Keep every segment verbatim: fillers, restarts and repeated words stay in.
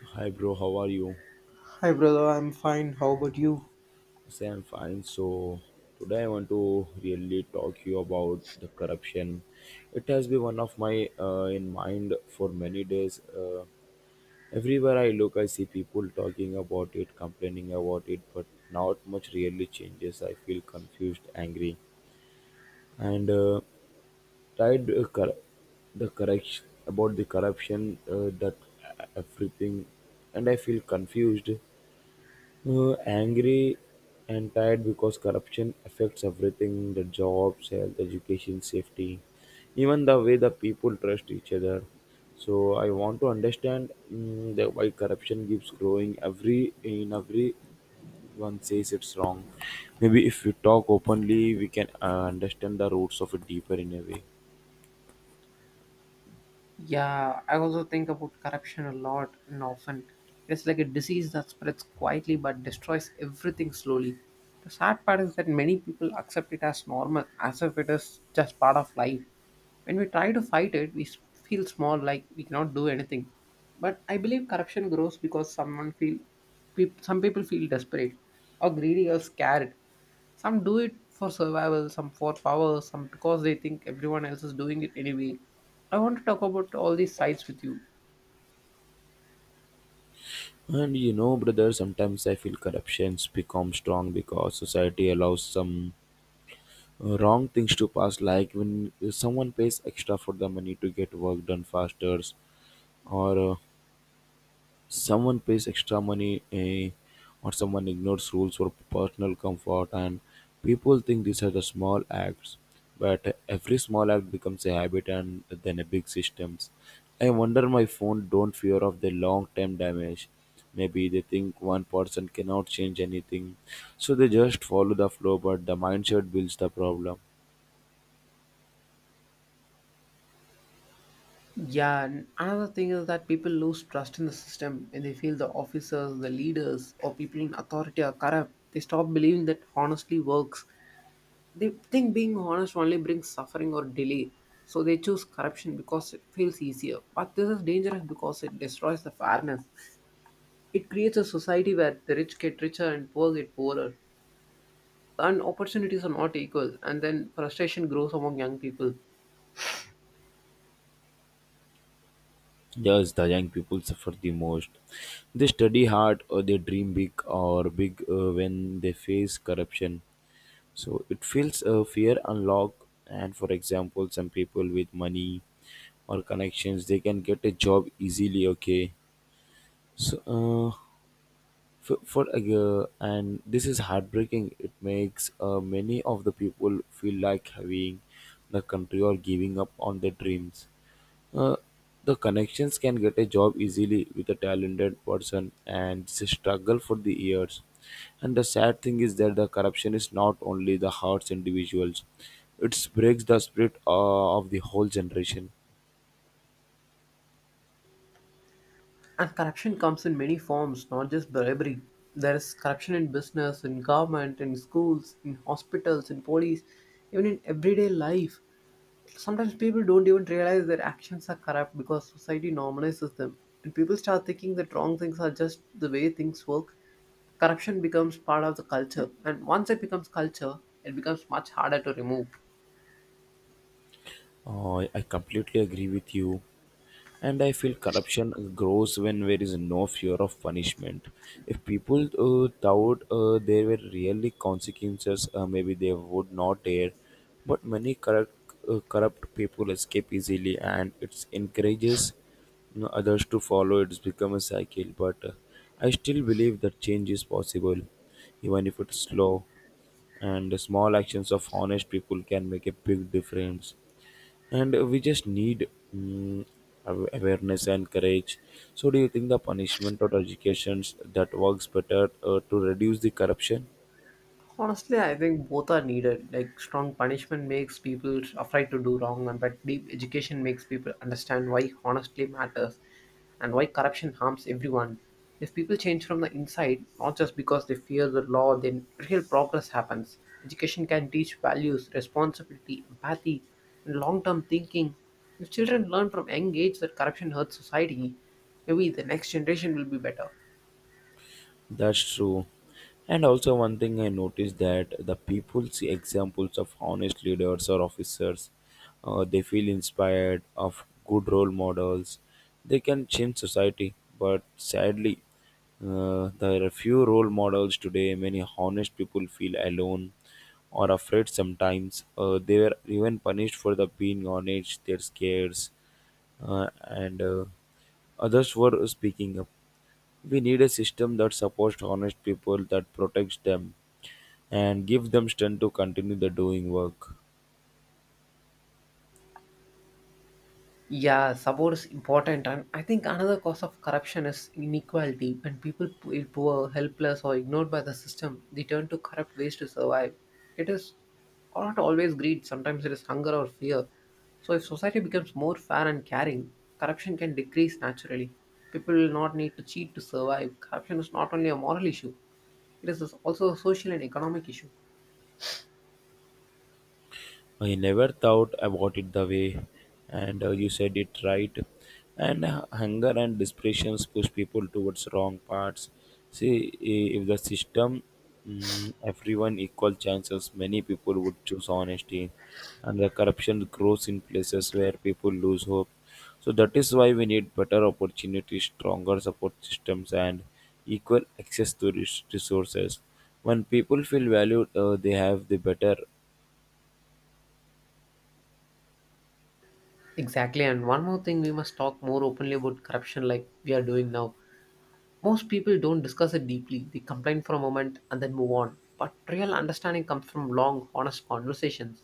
So, hi bro, how are you? Hi, brother. I'm fine. How about you? Say I'm fine. So today I want to really talk you about the corruption. It has been one of my uh, in mind for many days. Uh, everywhere I look, I see people talking about it, complaining about it, but not much really changes. I feel confused, angry, and uh, tired. Uh, cor- the correction about the corruption uh, that uh, everything, and I feel confused, Uh, angry and tired because corruption affects everything, the jobs, health, education, safety, even the way the people trust each other. So I want to understand mm, that why corruption keeps growing. Every in everyone says it's wrong. Maybe if we talk openly, we can uh, understand the roots of it deeper in a way. Yeah, I also think about corruption a lot and often. It's like a disease that spreads quietly but destroys everything slowly. The sad part is that many people accept it as normal, as if it is just part of life. When we try to fight it, we s- feel small, like we cannot do anything. But I believe corruption grows because someone feel, peop some people feel desperate, or greedy, or scared. Some do it for survival, some for power, some because they think everyone else is doing it anyway. I want to talk about all these sides with you. And you know, brother, sometimes I feel corruptions become strong because society allows some wrong things to pass, like when someone pays extra for the money to get work done faster or uh, someone pays extra money eh, or someone ignores rules for personal comfort. And people think these are the small acts, but every small act becomes a habit and then a big systems. I wonder my phone don't fear of the long term damage. Maybe they think one person cannot change anything, so they just follow the flow, but the mindset builds the problem. Yeah, and another thing is that people lose trust in the system when they feel the officers, the leaders, or people in authority are corrupt. They stop believing that honestly works. They think being honest only brings suffering or delay. So they choose corruption because it feels easier. But this is dangerous because it destroys the fairness. It creates a society where the rich get richer and poor get poorer. And opportunities are not equal, and then frustration grows among young people. Yes, the young people suffer the most. They study hard or they dream big or big uh, when they face corruption. So it feels uh, fear unlock. And for example, some people with money or connections, they can get a job easily. Okay, so uh, for, for a girl, and this is heartbreaking. It makes uh, many of the people feel like having the country or giving up on their dreams. Uh, the connections can get a job easily with a talented person, and it's a struggle for the years. And the sad thing is that the corruption is not only the hearts individuals, it breaks the spirit uh, of the whole generation. And corruption comes in many forms, not just bribery. There is corruption in business, in government, in schools, in hospitals, in police, even in everyday life. Sometimes people don't even realize their actions are corrupt because society normalizes them, and people start thinking that wrong things are just the way things work. Corruption becomes part of the culture, and once it becomes culture, it becomes much harder to remove. Uh, I completely agree with you. And I feel corruption grows when there is no fear of punishment. If people uh, thought uh, there were really consequences, uh, maybe they would not dare. But many corrupt, uh, corrupt people escape easily, and it encourages, you know, others to follow. It's become a cycle. But uh, I still believe that change is possible, even if it's slow. And small actions of honest people can make a big difference, and we just need mm, aw- awareness and courage. So do you think the punishment or educations that works better uh, to reduce the corruption? Honestly, I think both are needed. Like, strong punishment makes people afraid to do wrong, and but deep education makes people understand why honestly matters and why corruption harms everyone. If people change from the inside, not just because they fear the law, then real progress happens. Education can teach values, responsibility, empathy, and long-term thinking. If children learn from young age that corruption hurts society, maybe the next generation will be better. That's true. And also, one thing I noticed, that the people see examples of honest leaders or officers. Uh, they feel inspired of good role models. They can change society, but sadly, uh, there are few role models today. Many honest people feel alone or afraid sometimes. Uh, they were even punished for the being honest, their scares, uh, and uh, others were speaking up. We need a system that supports honest people, that protects them, and gives them strength to continue the doing work. Yeah, support is important, and I think another cause of corruption is inequality. When people feel poor, helpless, or ignored by the system, they turn to corrupt ways to survive. It is not always greed; sometimes it is hunger or fear. So, if society becomes more fair and caring, corruption can decrease naturally. People will not need to cheat to survive. Corruption is not only a moral issue; it is also a social and economic issue. I never thought about it the way, and uh, you said it right. And uh, hunger and desperation push people towards wrong paths. See, i- if the system mm, everyone equal chances, many people would choose honesty, and the corruption grows in places where people lose hope. So that is why we need better opportunities, stronger support systems, and equal access to res- resources. When people feel valued, uh, they have the better. Exactly, and one more thing: we must talk more openly about corruption, like we are doing now. Most people don't discuss it deeply. They complain for a moment and then move on. But real understanding comes from long, honest conversations.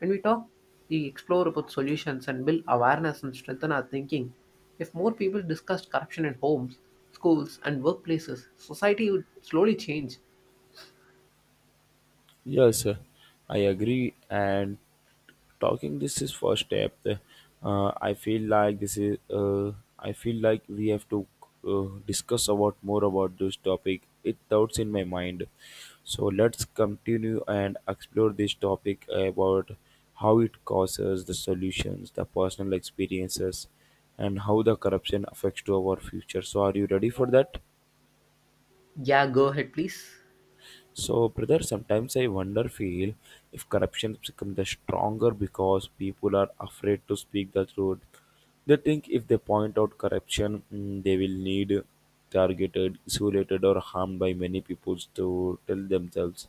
When we talk, we explore about solutions and build awareness and strengthen our thinking. If more people discussed corruption in homes, schools, and workplaces, society would slowly change. Yes, uh, I agree. And talking this is first step. Uh, I feel like this is. Uh, I feel like we have to uh, discuss about more about this topic. It doubts in my mind. So let's continue and explore this topic about how it causes the solutions, the personal experiences, and how the corruption affects to our future. So are you ready for that? Yeah, go ahead, please. So, brother, sometimes I wonder, feel if corruption becomes the stronger because people are afraid to speak the truth. They think if they point out corruption, mm, they will need targeted, isolated, or harmed by many people to tell themselves.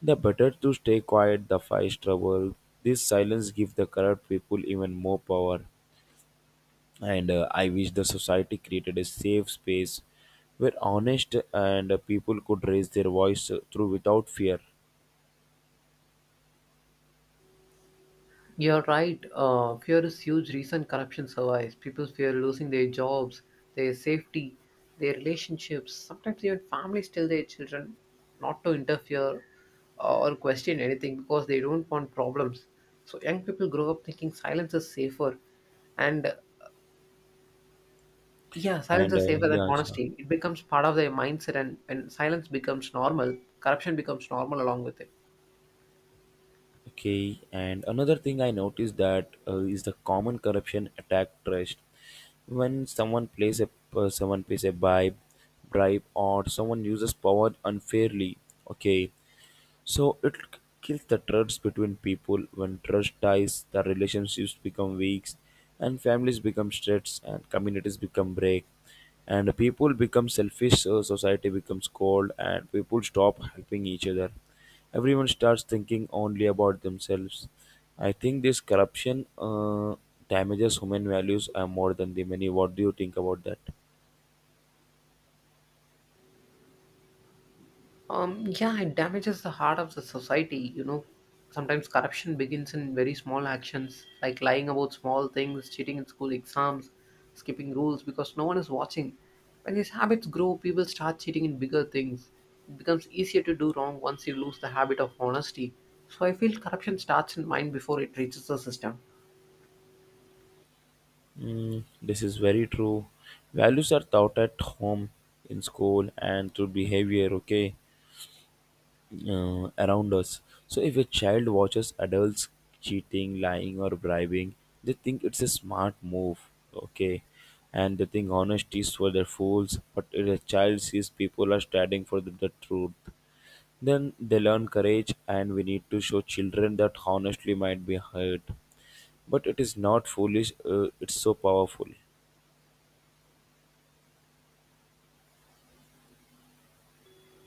The better to stay quiet, the fight trouble. This silence gives the corrupt people even more power. And uh, I wish the society created a safe space where honest and uh, people could raise their voice uh, through without fear. You're right. Uh, fear is huge reason corruption survives. People fear losing their jobs, their safety, their relationships. Sometimes even families tell their children not to interfere, uh, or question anything because they don't want problems. So young people grow up thinking silence is safer. And uh, yeah, silence And is uh, safer than yeah, sure. honesty. It becomes part of their mindset, and when silence becomes normal, corruption becomes normal along with it. Okay. And another thing I noticed that uh, is the common corruption attack trust. When someone plays a uh, someone pays a bribe, bribe, or someone uses power unfairly. Okay, so it kills the trust between people. When trust dies, the relationships become weak, and families become stressed, and communities become break, and people become selfish. So society becomes cold, and people stop helping each other. Everyone starts thinking only about themselves. I think this corruption uh, damages human values uh, more than the many. What do you think about that? Um yeah, it damages the heart of the society you know Sometimes corruption begins in very small actions, like lying about small things, cheating in school exams, skipping rules because no one is watching. When these habits grow, people start cheating in bigger things. It becomes easier to do wrong once you lose the habit of honesty. So I feel corruption starts in mind before it reaches the system. Mm, this is very true. Values are taught at home, in school, and through behavior, okay, uh, around us. So if a child watches adults cheating, lying, or bribing, they think it's a smart move, okay, and they think honesty is for their fools. But if a child sees people are standing for the, the truth, then they learn courage, and we need to show children that honestly might be hurt. But it is not foolish, uh, it's so powerful.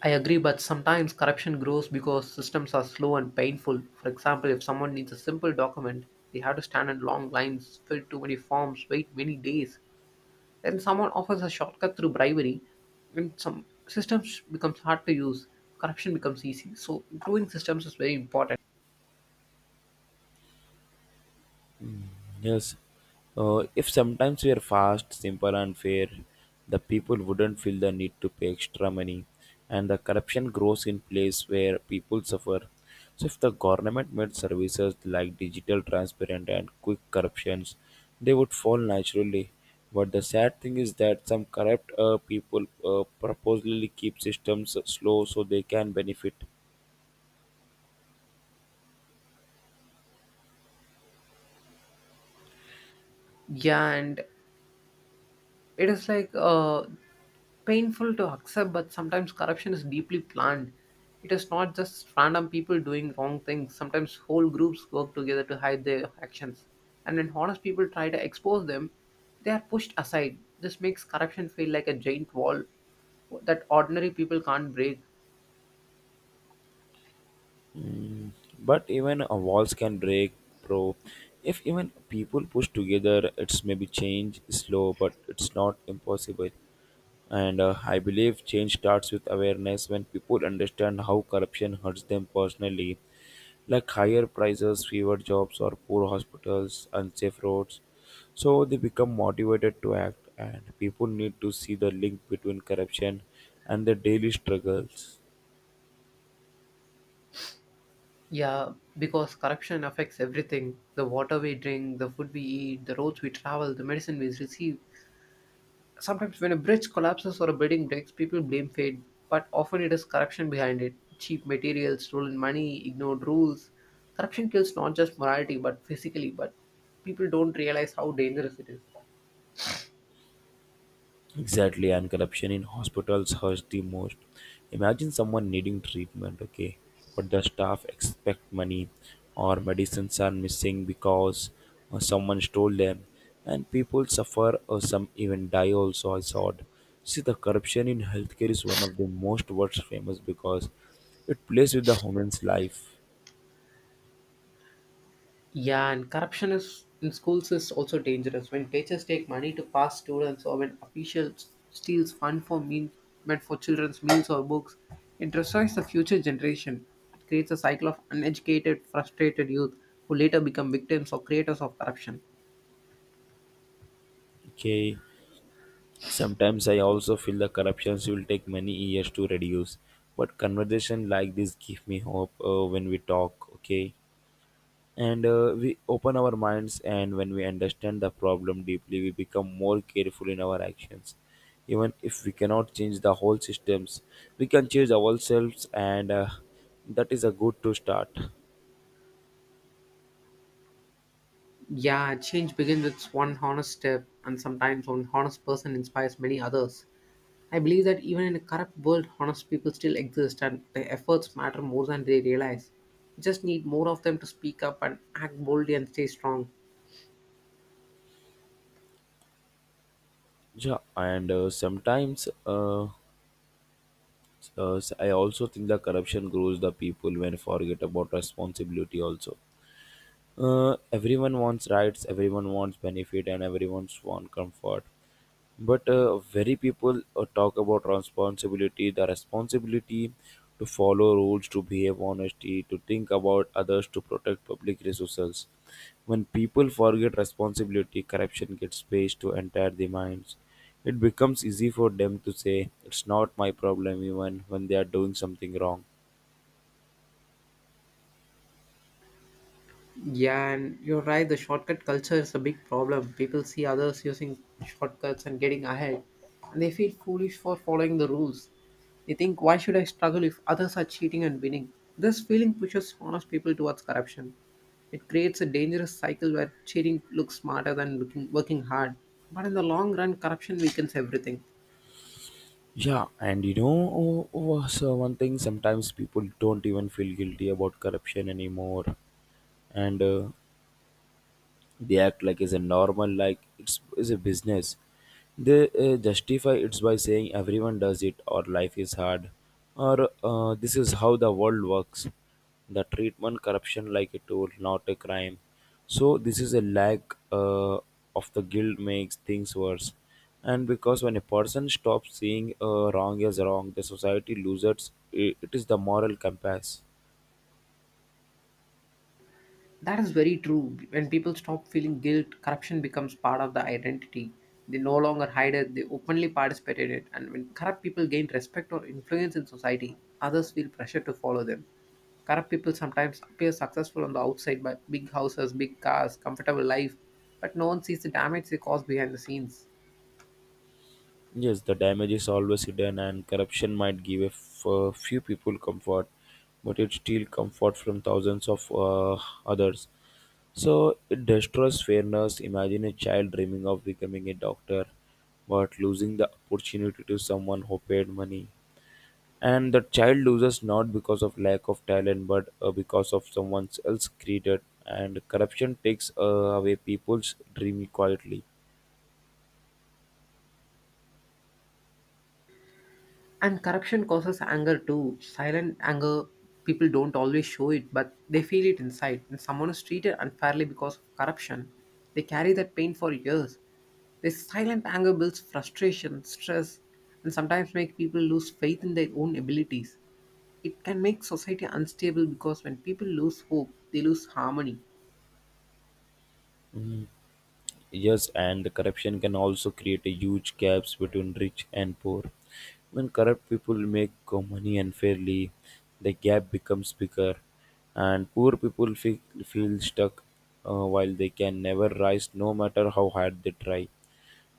I agree, but sometimes corruption grows because systems are slow and painful. For example, if someone needs a simple document, they have to stand in long lines, fill too many forms, wait many days. Then someone offers a shortcut through bribery, and some systems becomes hard to use. Corruption becomes easy. So improving systems is very important. Yes. Uh, if sometimes we are fast, simple, and fair, the people wouldn't feel the need to pay extra money, and the corruption grows in place where people suffer. So, if the government made services like digital, transparent, and quick corruptions, they would fall naturally. But the sad thing is that some corrupt uh, people uh, purposely keep systems slow so they can benefit. Yeah, and it is like, uh, painful to accept, but sometimes corruption is deeply planned. It is not just random people doing wrong things. Sometimes whole groups work together to hide their actions. And when honest people try to expose them, they are pushed aside. This makes corruption feel like a giant wall that ordinary people can't break. Mm, but even uh, walls can break, bro. If even people push together, it's maybe change is slow, but it's not impossible. And uh, I believe change starts with awareness, when people understand how corruption hurts them personally, like higher prices, fewer jobs, or poor hospitals, unsafe roads. So they become motivated to act, and people need to see the link between corruption and their daily struggles. Yeah, because corruption affects everything: the water we drink, the food we eat, the roads we travel, the medicine we receive. Sometimes, when a bridge collapses or a building breaks, people blame fate, but often it is corruption behind it. Cheap materials, stolen money, ignored rules. Corruption kills not just morality but physically, but people don't realize how dangerous it is. Exactly, and corruption in hospitals hurts the most. Imagine someone needing treatment, okay, but the staff expect money, or medicines are missing because uh, someone stole them, and people suffer or some even die also. I saw it. See, the corruption in healthcare is one of the most worst famous because it plays with the human's life. Yeah, and corruption is in schools is also dangerous. When teachers take money to pass students, or when officials steals fund for mean meant for children's meals or books, it destroys the future generation. It creates a cycle of uneducated, frustrated youth who later become victims or creators of corruption. Okay, sometimes I also feel the corruptions will take many years to reduce. But conversation like this give me hope uh, when we talk, okay? And uh, we open our minds, and when we understand the problem deeply, we become more careful in our actions. Even if we cannot change the whole systems, we can change ourselves, and uh, that is a good to start. Yeah, change begins with one honest step, and sometimes one honest person inspires many others. I believe that even in a corrupt world, honest people still exist and their efforts matter more than they realize. We just need more of them to speak up and act boldly and stay strong. Yeah, and uh, sometimes uh, uh, I also think the corruption grows the people when forget about responsibility also. Uh, everyone wants rights, everyone wants benefit, and everyone wants comfort. But uh, very people uh, talk about responsibility, the responsibility to follow rules, to behave honestly, to think about others, to protect public resources. When people forget responsibility, corruption gets space to enter their minds. It becomes easy for them to say, "It's not my problem," even when they are doing something wrong. Yeah, and you're right, the shortcut culture is a big problem. People see others using shortcuts and getting ahead, and they feel foolish for following the rules. They think, why should I struggle if others are cheating and winning? This feeling pushes honest people towards corruption. It creates a dangerous cycle where cheating looks smarter than looking, working hard. But in the long run, corruption weakens everything. Yeah, and you know, oh, was uh, so one thing, sometimes people don't even feel guilty about corruption anymore. And uh, they act like it's a normal, like it's, it's a business. They uh, justify it by saying everyone does it, or life is hard, or uh, this is how the world works. The treatment corruption like a tool, not a crime. So this is a lack uh, of the guilt makes things worse. And because when a person stops seeing uh, wrong as wrong, the society loses it, it is the moral compass. That is very true. When people stop feeling guilt, corruption becomes part of the identity. They no longer hide it, they openly participate in it. And when corrupt people gain respect or influence in society, others feel pressure to follow them. Corrupt people sometimes appear successful on the outside by big houses, big cars, comfortable life, but no one sees the damage they cause behind the scenes. Yes, the damage is always hidden, and corruption might give a f- a few people comfort, but it steals comfort from thousands of uh, others. So it destroys fairness. Imagine a child dreaming of becoming a doctor, but losing the opportunity to someone who paid money. And the child loses not because of lack of talent, but uh, because of someone else created. And corruption takes uh, away people's dream quietly. And corruption causes anger too, silent anger. People don't always show it, but they feel it inside. When someone is treated unfairly because of corruption, they carry that pain for years. This silent anger builds frustration, stress, and sometimes make people lose faith in their own abilities. It can make society unstable because when people lose hope, they lose harmony. Yes, and the corruption can also create a huge gaps between rich and poor. When corrupt people make go- money unfairly, the gap becomes bigger, and poor people feel, feel stuck uh, while they can never rise no matter how hard they try.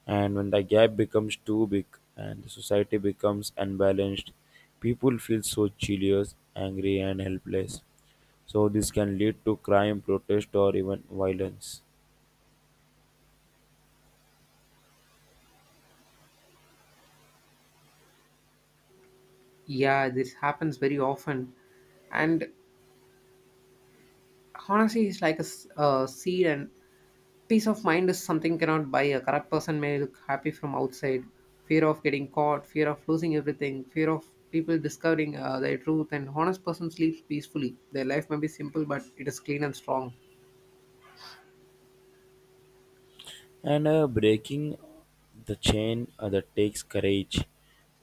And when the gap becomes too big and the society becomes unbalanced, people feel so jealous, angry, and helpless. So, this can lead to crime, protest, or even violence. Yeah, this happens very often. And honestly, it's like a s- a seed. And Peace of mind is something cannot buy. A corrupt person may look happy from outside. Fear of getting caught, fear of losing everything, fear of people discovering, uh, their truth, and honest person sleeps peacefully. Their life may be simple, but it is clean and strong. And uh, Breaking the chain uh, that takes courage,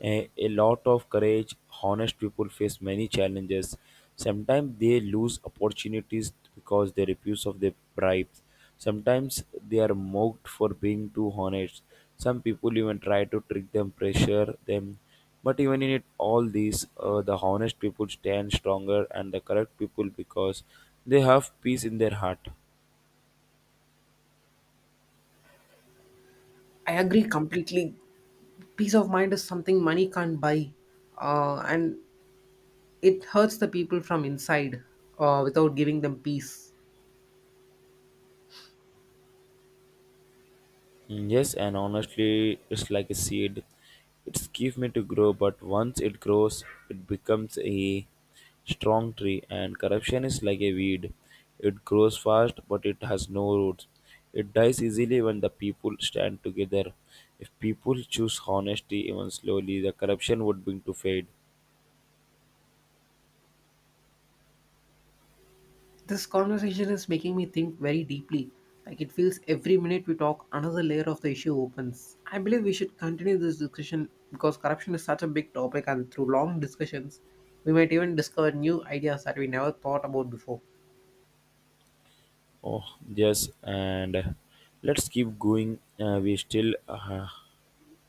a, a lot of courage. Honest people face many challenges. Sometimes they lose opportunities because they refuse of their bribes. Sometimes they are mocked for being too honest. Some people even try to trick them, pressure them, but even in it all these uh, the honest people stand stronger and the correct people because they have peace in their heart. I agree completely. Peace of mind is something money can't buy, uh, and it hurts the people from inside uh, without giving them peace. Yes, and honestly, it's like a seed. It's give me to grow, but once it grows, it becomes a strong tree. And corruption is like a weed. It grows fast, but it has no roots. It dies easily when the people stand together. If people choose honesty even slowly, the corruption would begin to fade. This conversation is making me think very deeply. Like, it feels every minute we talk, another layer of the issue opens. I believe we should continue this discussion because corruption is such a big topic, and through long discussions, we might even discover new ideas that we never thought about before. Oh, yes, and let's keep going. Uh, we still uh,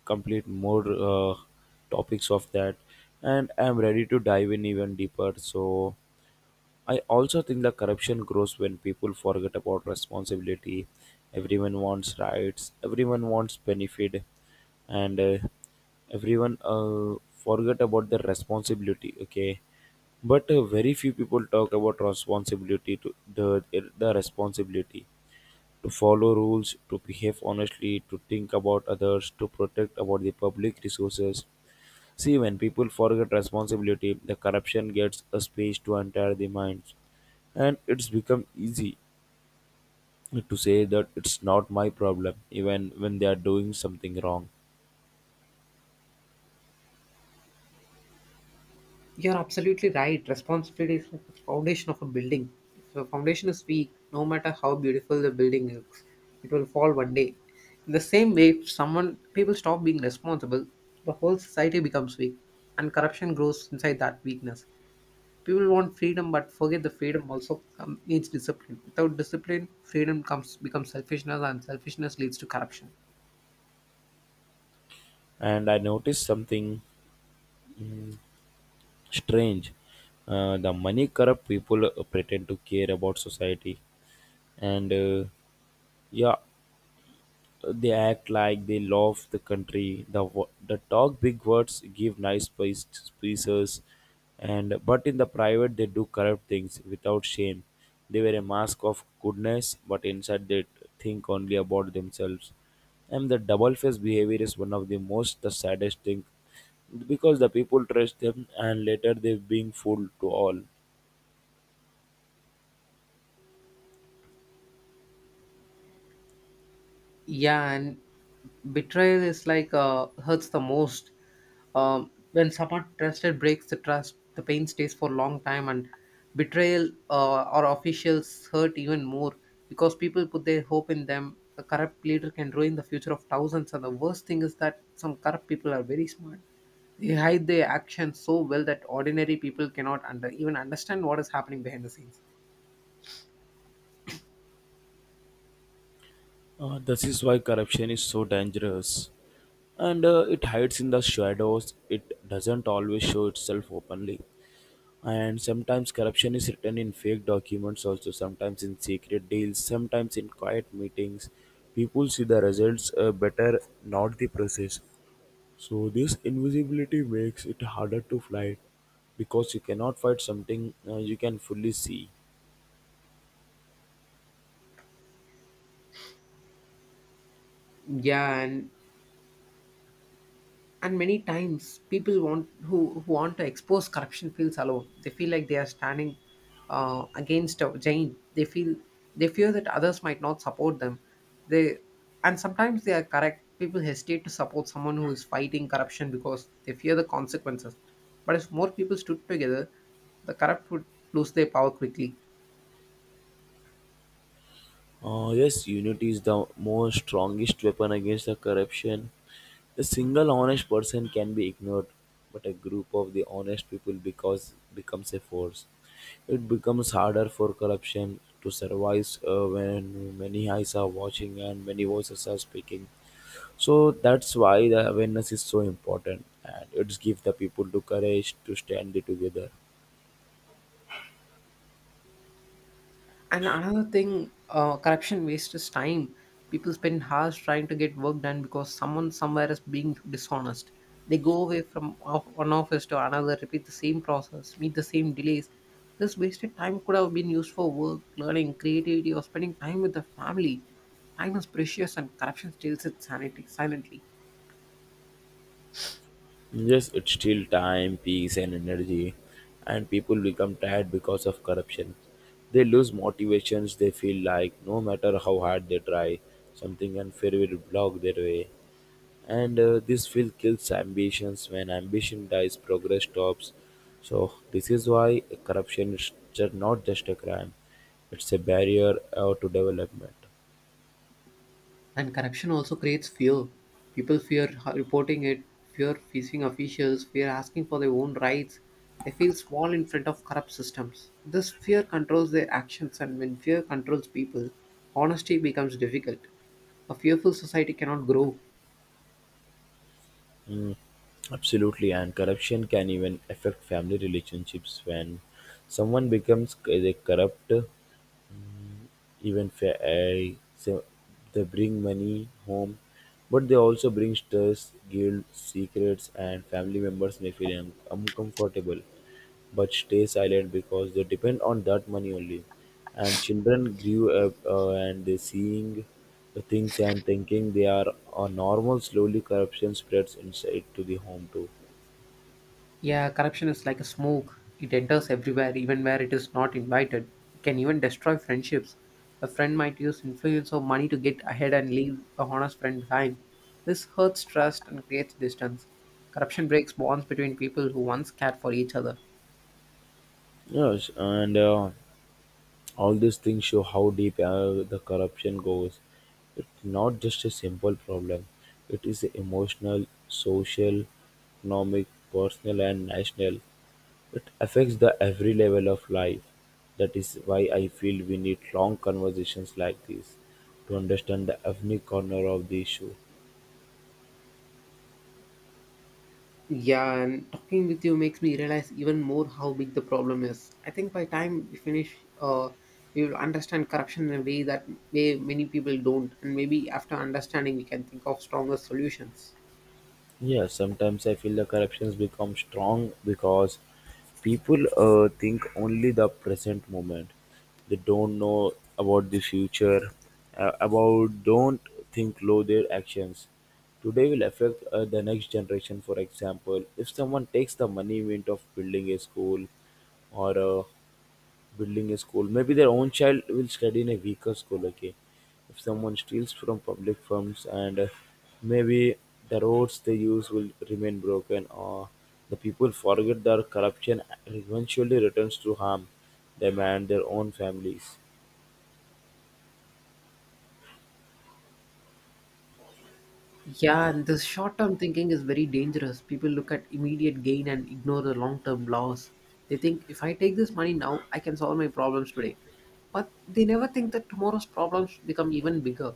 complete more uh, topics of that, and I'm ready to dive in even deeper. So I also think the corruption grows when people forget about responsibility. Everyone wants rights, everyone wants benefit, and uh, everyone uh, forget about their responsibility, okay, but uh, very few people talk about responsibility to the the responsibility to follow rules, to behave honestly, to think about others, to protect about the public resources. See, when people forget responsibility, the corruption gets a space to enter the minds. And it's become easy to say that it's not my problem, even when they are doing something wrong. You're absolutely right. Responsibility is like the foundation of a building. If the foundation is weak, no matter how beautiful the building looks, it will fall one day. In the same way, if someone people stop being responsible, the whole society becomes weak, and corruption grows inside that weakness. People want freedom, but forget the freedom also come, needs discipline. Without discipline, freedom comes becomes selfishness, and selfishness leads to corruption. And I noticed something mm, strange. Uh, the money corrupt people uh, pretend to care about society. And uh, yeah, they act like they love the country, the wo- the talk big words, give nice speech- speeches, and but in the private they do corrupt things without shame. They wear a mask of goodness but inside they think only about themselves. And the double faced behavior is one of the most the saddest thing because the people trust them and later they being fooled to all. Yeah, and betrayal is like, uh, hurts the most. Um, when someone trusted breaks the trust, the pain stays for a long time. And betrayal uh, or officials hurt even more because people put their hope in them. A corrupt leader can ruin the future of thousands, and the worst thing is that some corrupt people are very smart. They hide their actions so well that ordinary people cannot under even understand what is happening behind the scenes. Uh, this is why corruption is so dangerous. And uh, it hides in the shadows, it doesn't always show itself openly. And sometimes corruption is written in fake documents, also, sometimes in secret deals, sometimes in quiet meetings. People see the results uh, better, not the process. So, this invisibility makes it harder to fight because you cannot fight something uh, you can fully see. Yeah, and and many times people want who, who want to expose corruption feels alone. They feel like they are standing, uh, against a giant. They feel they fear that others might not support them. They And sometimes they are correct people hesitate to support someone who is fighting corruption because they fear the consequences. But if more people stood together, the corrupt would lose their power quickly. Uh, yes, unity is the most strongest weapon against the corruption. A single honest person can be ignored, but a group of the honest people because becomes a force. It becomes harder for corruption to survive uh, when many eyes are watching and many voices are speaking. So that's why the awareness is so important, and it gives the people the courage to stand together. And another thing, uh, corruption wastes time. People spend hours trying to get work done because someone somewhere is being dishonest. They go away from off- one office to another, repeat the same process, meet the same delays. This wasted time could have been used for work, learning, creativity, or spending time with the family. Time is precious, and corruption steals it sanity silently. Yes, it steal time, peace, and energy, and people become tired because of corruption. They lose motivations. They feel like no matter how hard they try, something unfair will block their way. And uh, this feel kills ambitions. When ambition dies, progress stops. So this is why corruption is ju- not just a crime; it's a barrier uh, to development. And corruption also creates fear. People fear h- reporting it, fear facing officials, fear asking for their own rights. They feel small in front of corrupt systems. This fear controls their actions, and when fear controls people, honesty becomes difficult. A fearful society cannot grow. Absolutely, and corruption can even affect family relationships when someone becomes c- they corrupt. Even fa- uh, so they bring money home, but they also bring stress, guilt, secrets, and family members may feel un- uncomfortable but stay silent because they depend on that money only. And children grew up uh, and they seeing the things and thinking they are uh, normal. Slowly, corruption spreads inside to the home too. Yeah, corruption is like a smoke. It enters everywhere, even where it is not invited. It can even destroy friendships. A friend might use influence or money to get ahead and leave a honest friend behind. This hurts trust and creates distance. Corruption breaks bonds between people who once cared for each other. Yes, and uh, all these things show how deep uh, the corruption goes. It's not just a simple problem, it is emotional, social, economic, personal, and national. It affects the every level of life. That is why I feel we need long conversations like this to understand the every corner of the issue. Yeah, and talking with you makes me realize even more how big the problem is. I think by time we finish, uh, we will understand corruption in a way that way many people don't, and maybe after understanding, we can think of stronger solutions. Yeah, sometimes I feel the corruptions become strong because people uh, think only the present moment. They don't know about the future, uh, about don't think low their actions. Today will affect uh, the next generation. For example, if someone takes the money mint of building a school or uh, building a school. Maybe their own child will study in a weaker school. Okay, if someone steals from public funds, and uh, maybe the roads they use will remain broken, or the people forget their corruption and eventually returns to harm them and their own families. Yeah, and this short term thinking is very dangerous. People look at immediate gain and ignore the long term loss. They think, if I take this money now, I can solve my problems today. But they never think that tomorrow's problems become even bigger.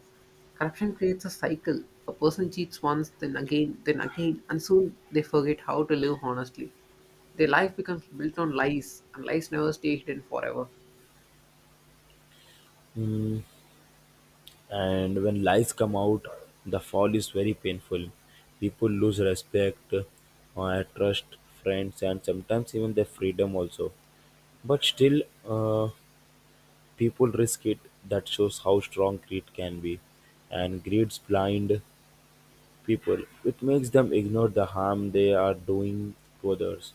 Corruption creates a cycle. A person cheats once, then again, then again, and soon they forget how to live honestly. Their life becomes built on lies, and lies never stay hidden forever. Mm. And when lies come out, the fall is very painful. People lose respect, uh, trust, friends, and sometimes even their freedom also, but still, uh, people risk it. That shows how strong greed can be. And greed's blind people. It makes them ignore the harm they are doing to others.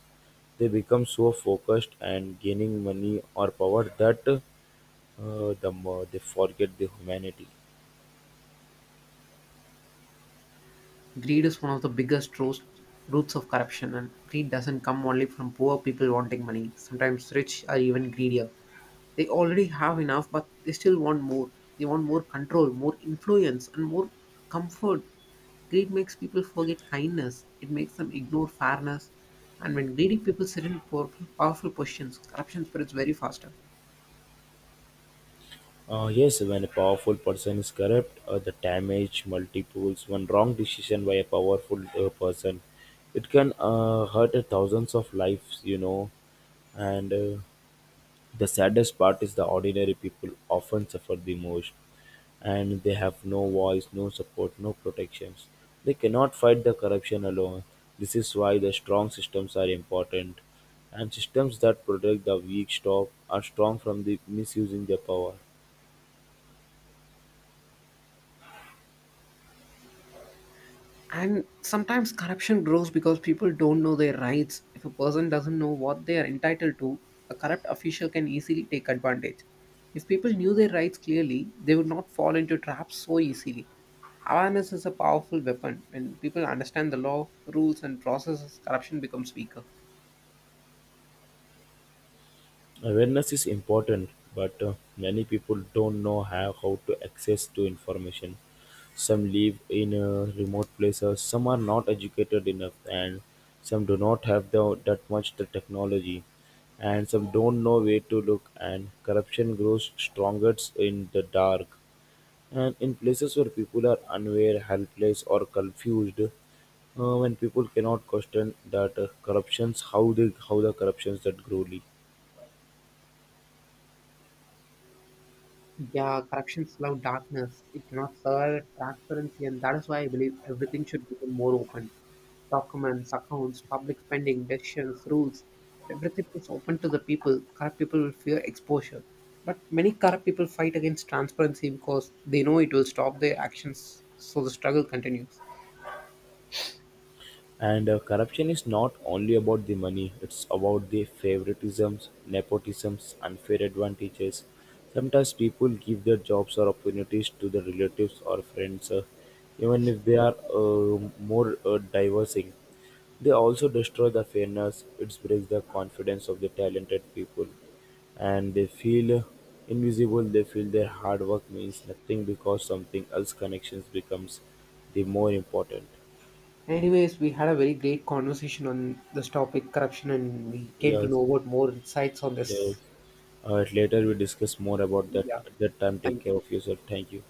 They become so focused and gaining money or power that uh, the more they forget the humanity. Greed is one of the biggest roast, roots of corruption, and greed doesn't come only from poor people wanting money. Sometimes rich are even greedier. They already have enough, but they still want more. They want more control, more influence, and more comfort. Greed makes people forget kindness, it makes them ignore fairness. And when greedy people sit in powerful, powerful positions, corruption spreads very faster. Uh, yes, when a powerful person is corrupt, uh, the damage multiples. One wrong decision by a powerful uh, person, it can uh, hurt thousands of lives, you know, and uh, the saddest part is the ordinary people often suffer the most, and they have no voice, no support, no protections. They cannot fight the corruption alone. This is why the strong systems are important, and systems that protect the weak stop are strong from the misusing their power. And sometimes corruption grows because people don't know their rights. If a person doesn't know what they are entitled to, a corrupt official can easily take advantage. If people knew their rights clearly, they would not fall into traps so easily. Awareness is a powerful weapon. When people understand the law, rules, and processes, corruption becomes weaker. Awareness is important, but uh, many people don't know how, how to access to information. Some live in uh, remote places, some are not educated enough, and some do not have the, that much the technology, and some don't know where to look. And corruption grows strongest in the dark, and in places where people are unaware, helpless, or confused. Uh, when people cannot question that uh, corruptions, how they how the corruptions that grow. Yeah, corrections love darkness. It cannot serve transparency, and that is why I believe everything should become more open. Documents, accounts, public spending, decisions, rules, everything is open to the people. Corrupt people will fear exposure. But many corrupt people fight against transparency because they know it will stop their actions, so the struggle continues. And uh, Corruption is not only about the money, it's about the favoritisms, nepotisms, unfair advantages. Sometimes people give their jobs or opportunities to their relatives or friends, uh, even if they are uh, more uh, diversing. They also destroy the fairness, it breaks the confidence of the talented people, and they feel uh, invisible, they feel their hard work means nothing because something else connections becomes the more important. Anyways, we had a very great conversation on this topic, corruption, and we came to Yes. know about more insights on Yes. this. Uh, later we discuss more about that. Yeah, At that time, take thank care of you. yourself. Thank you.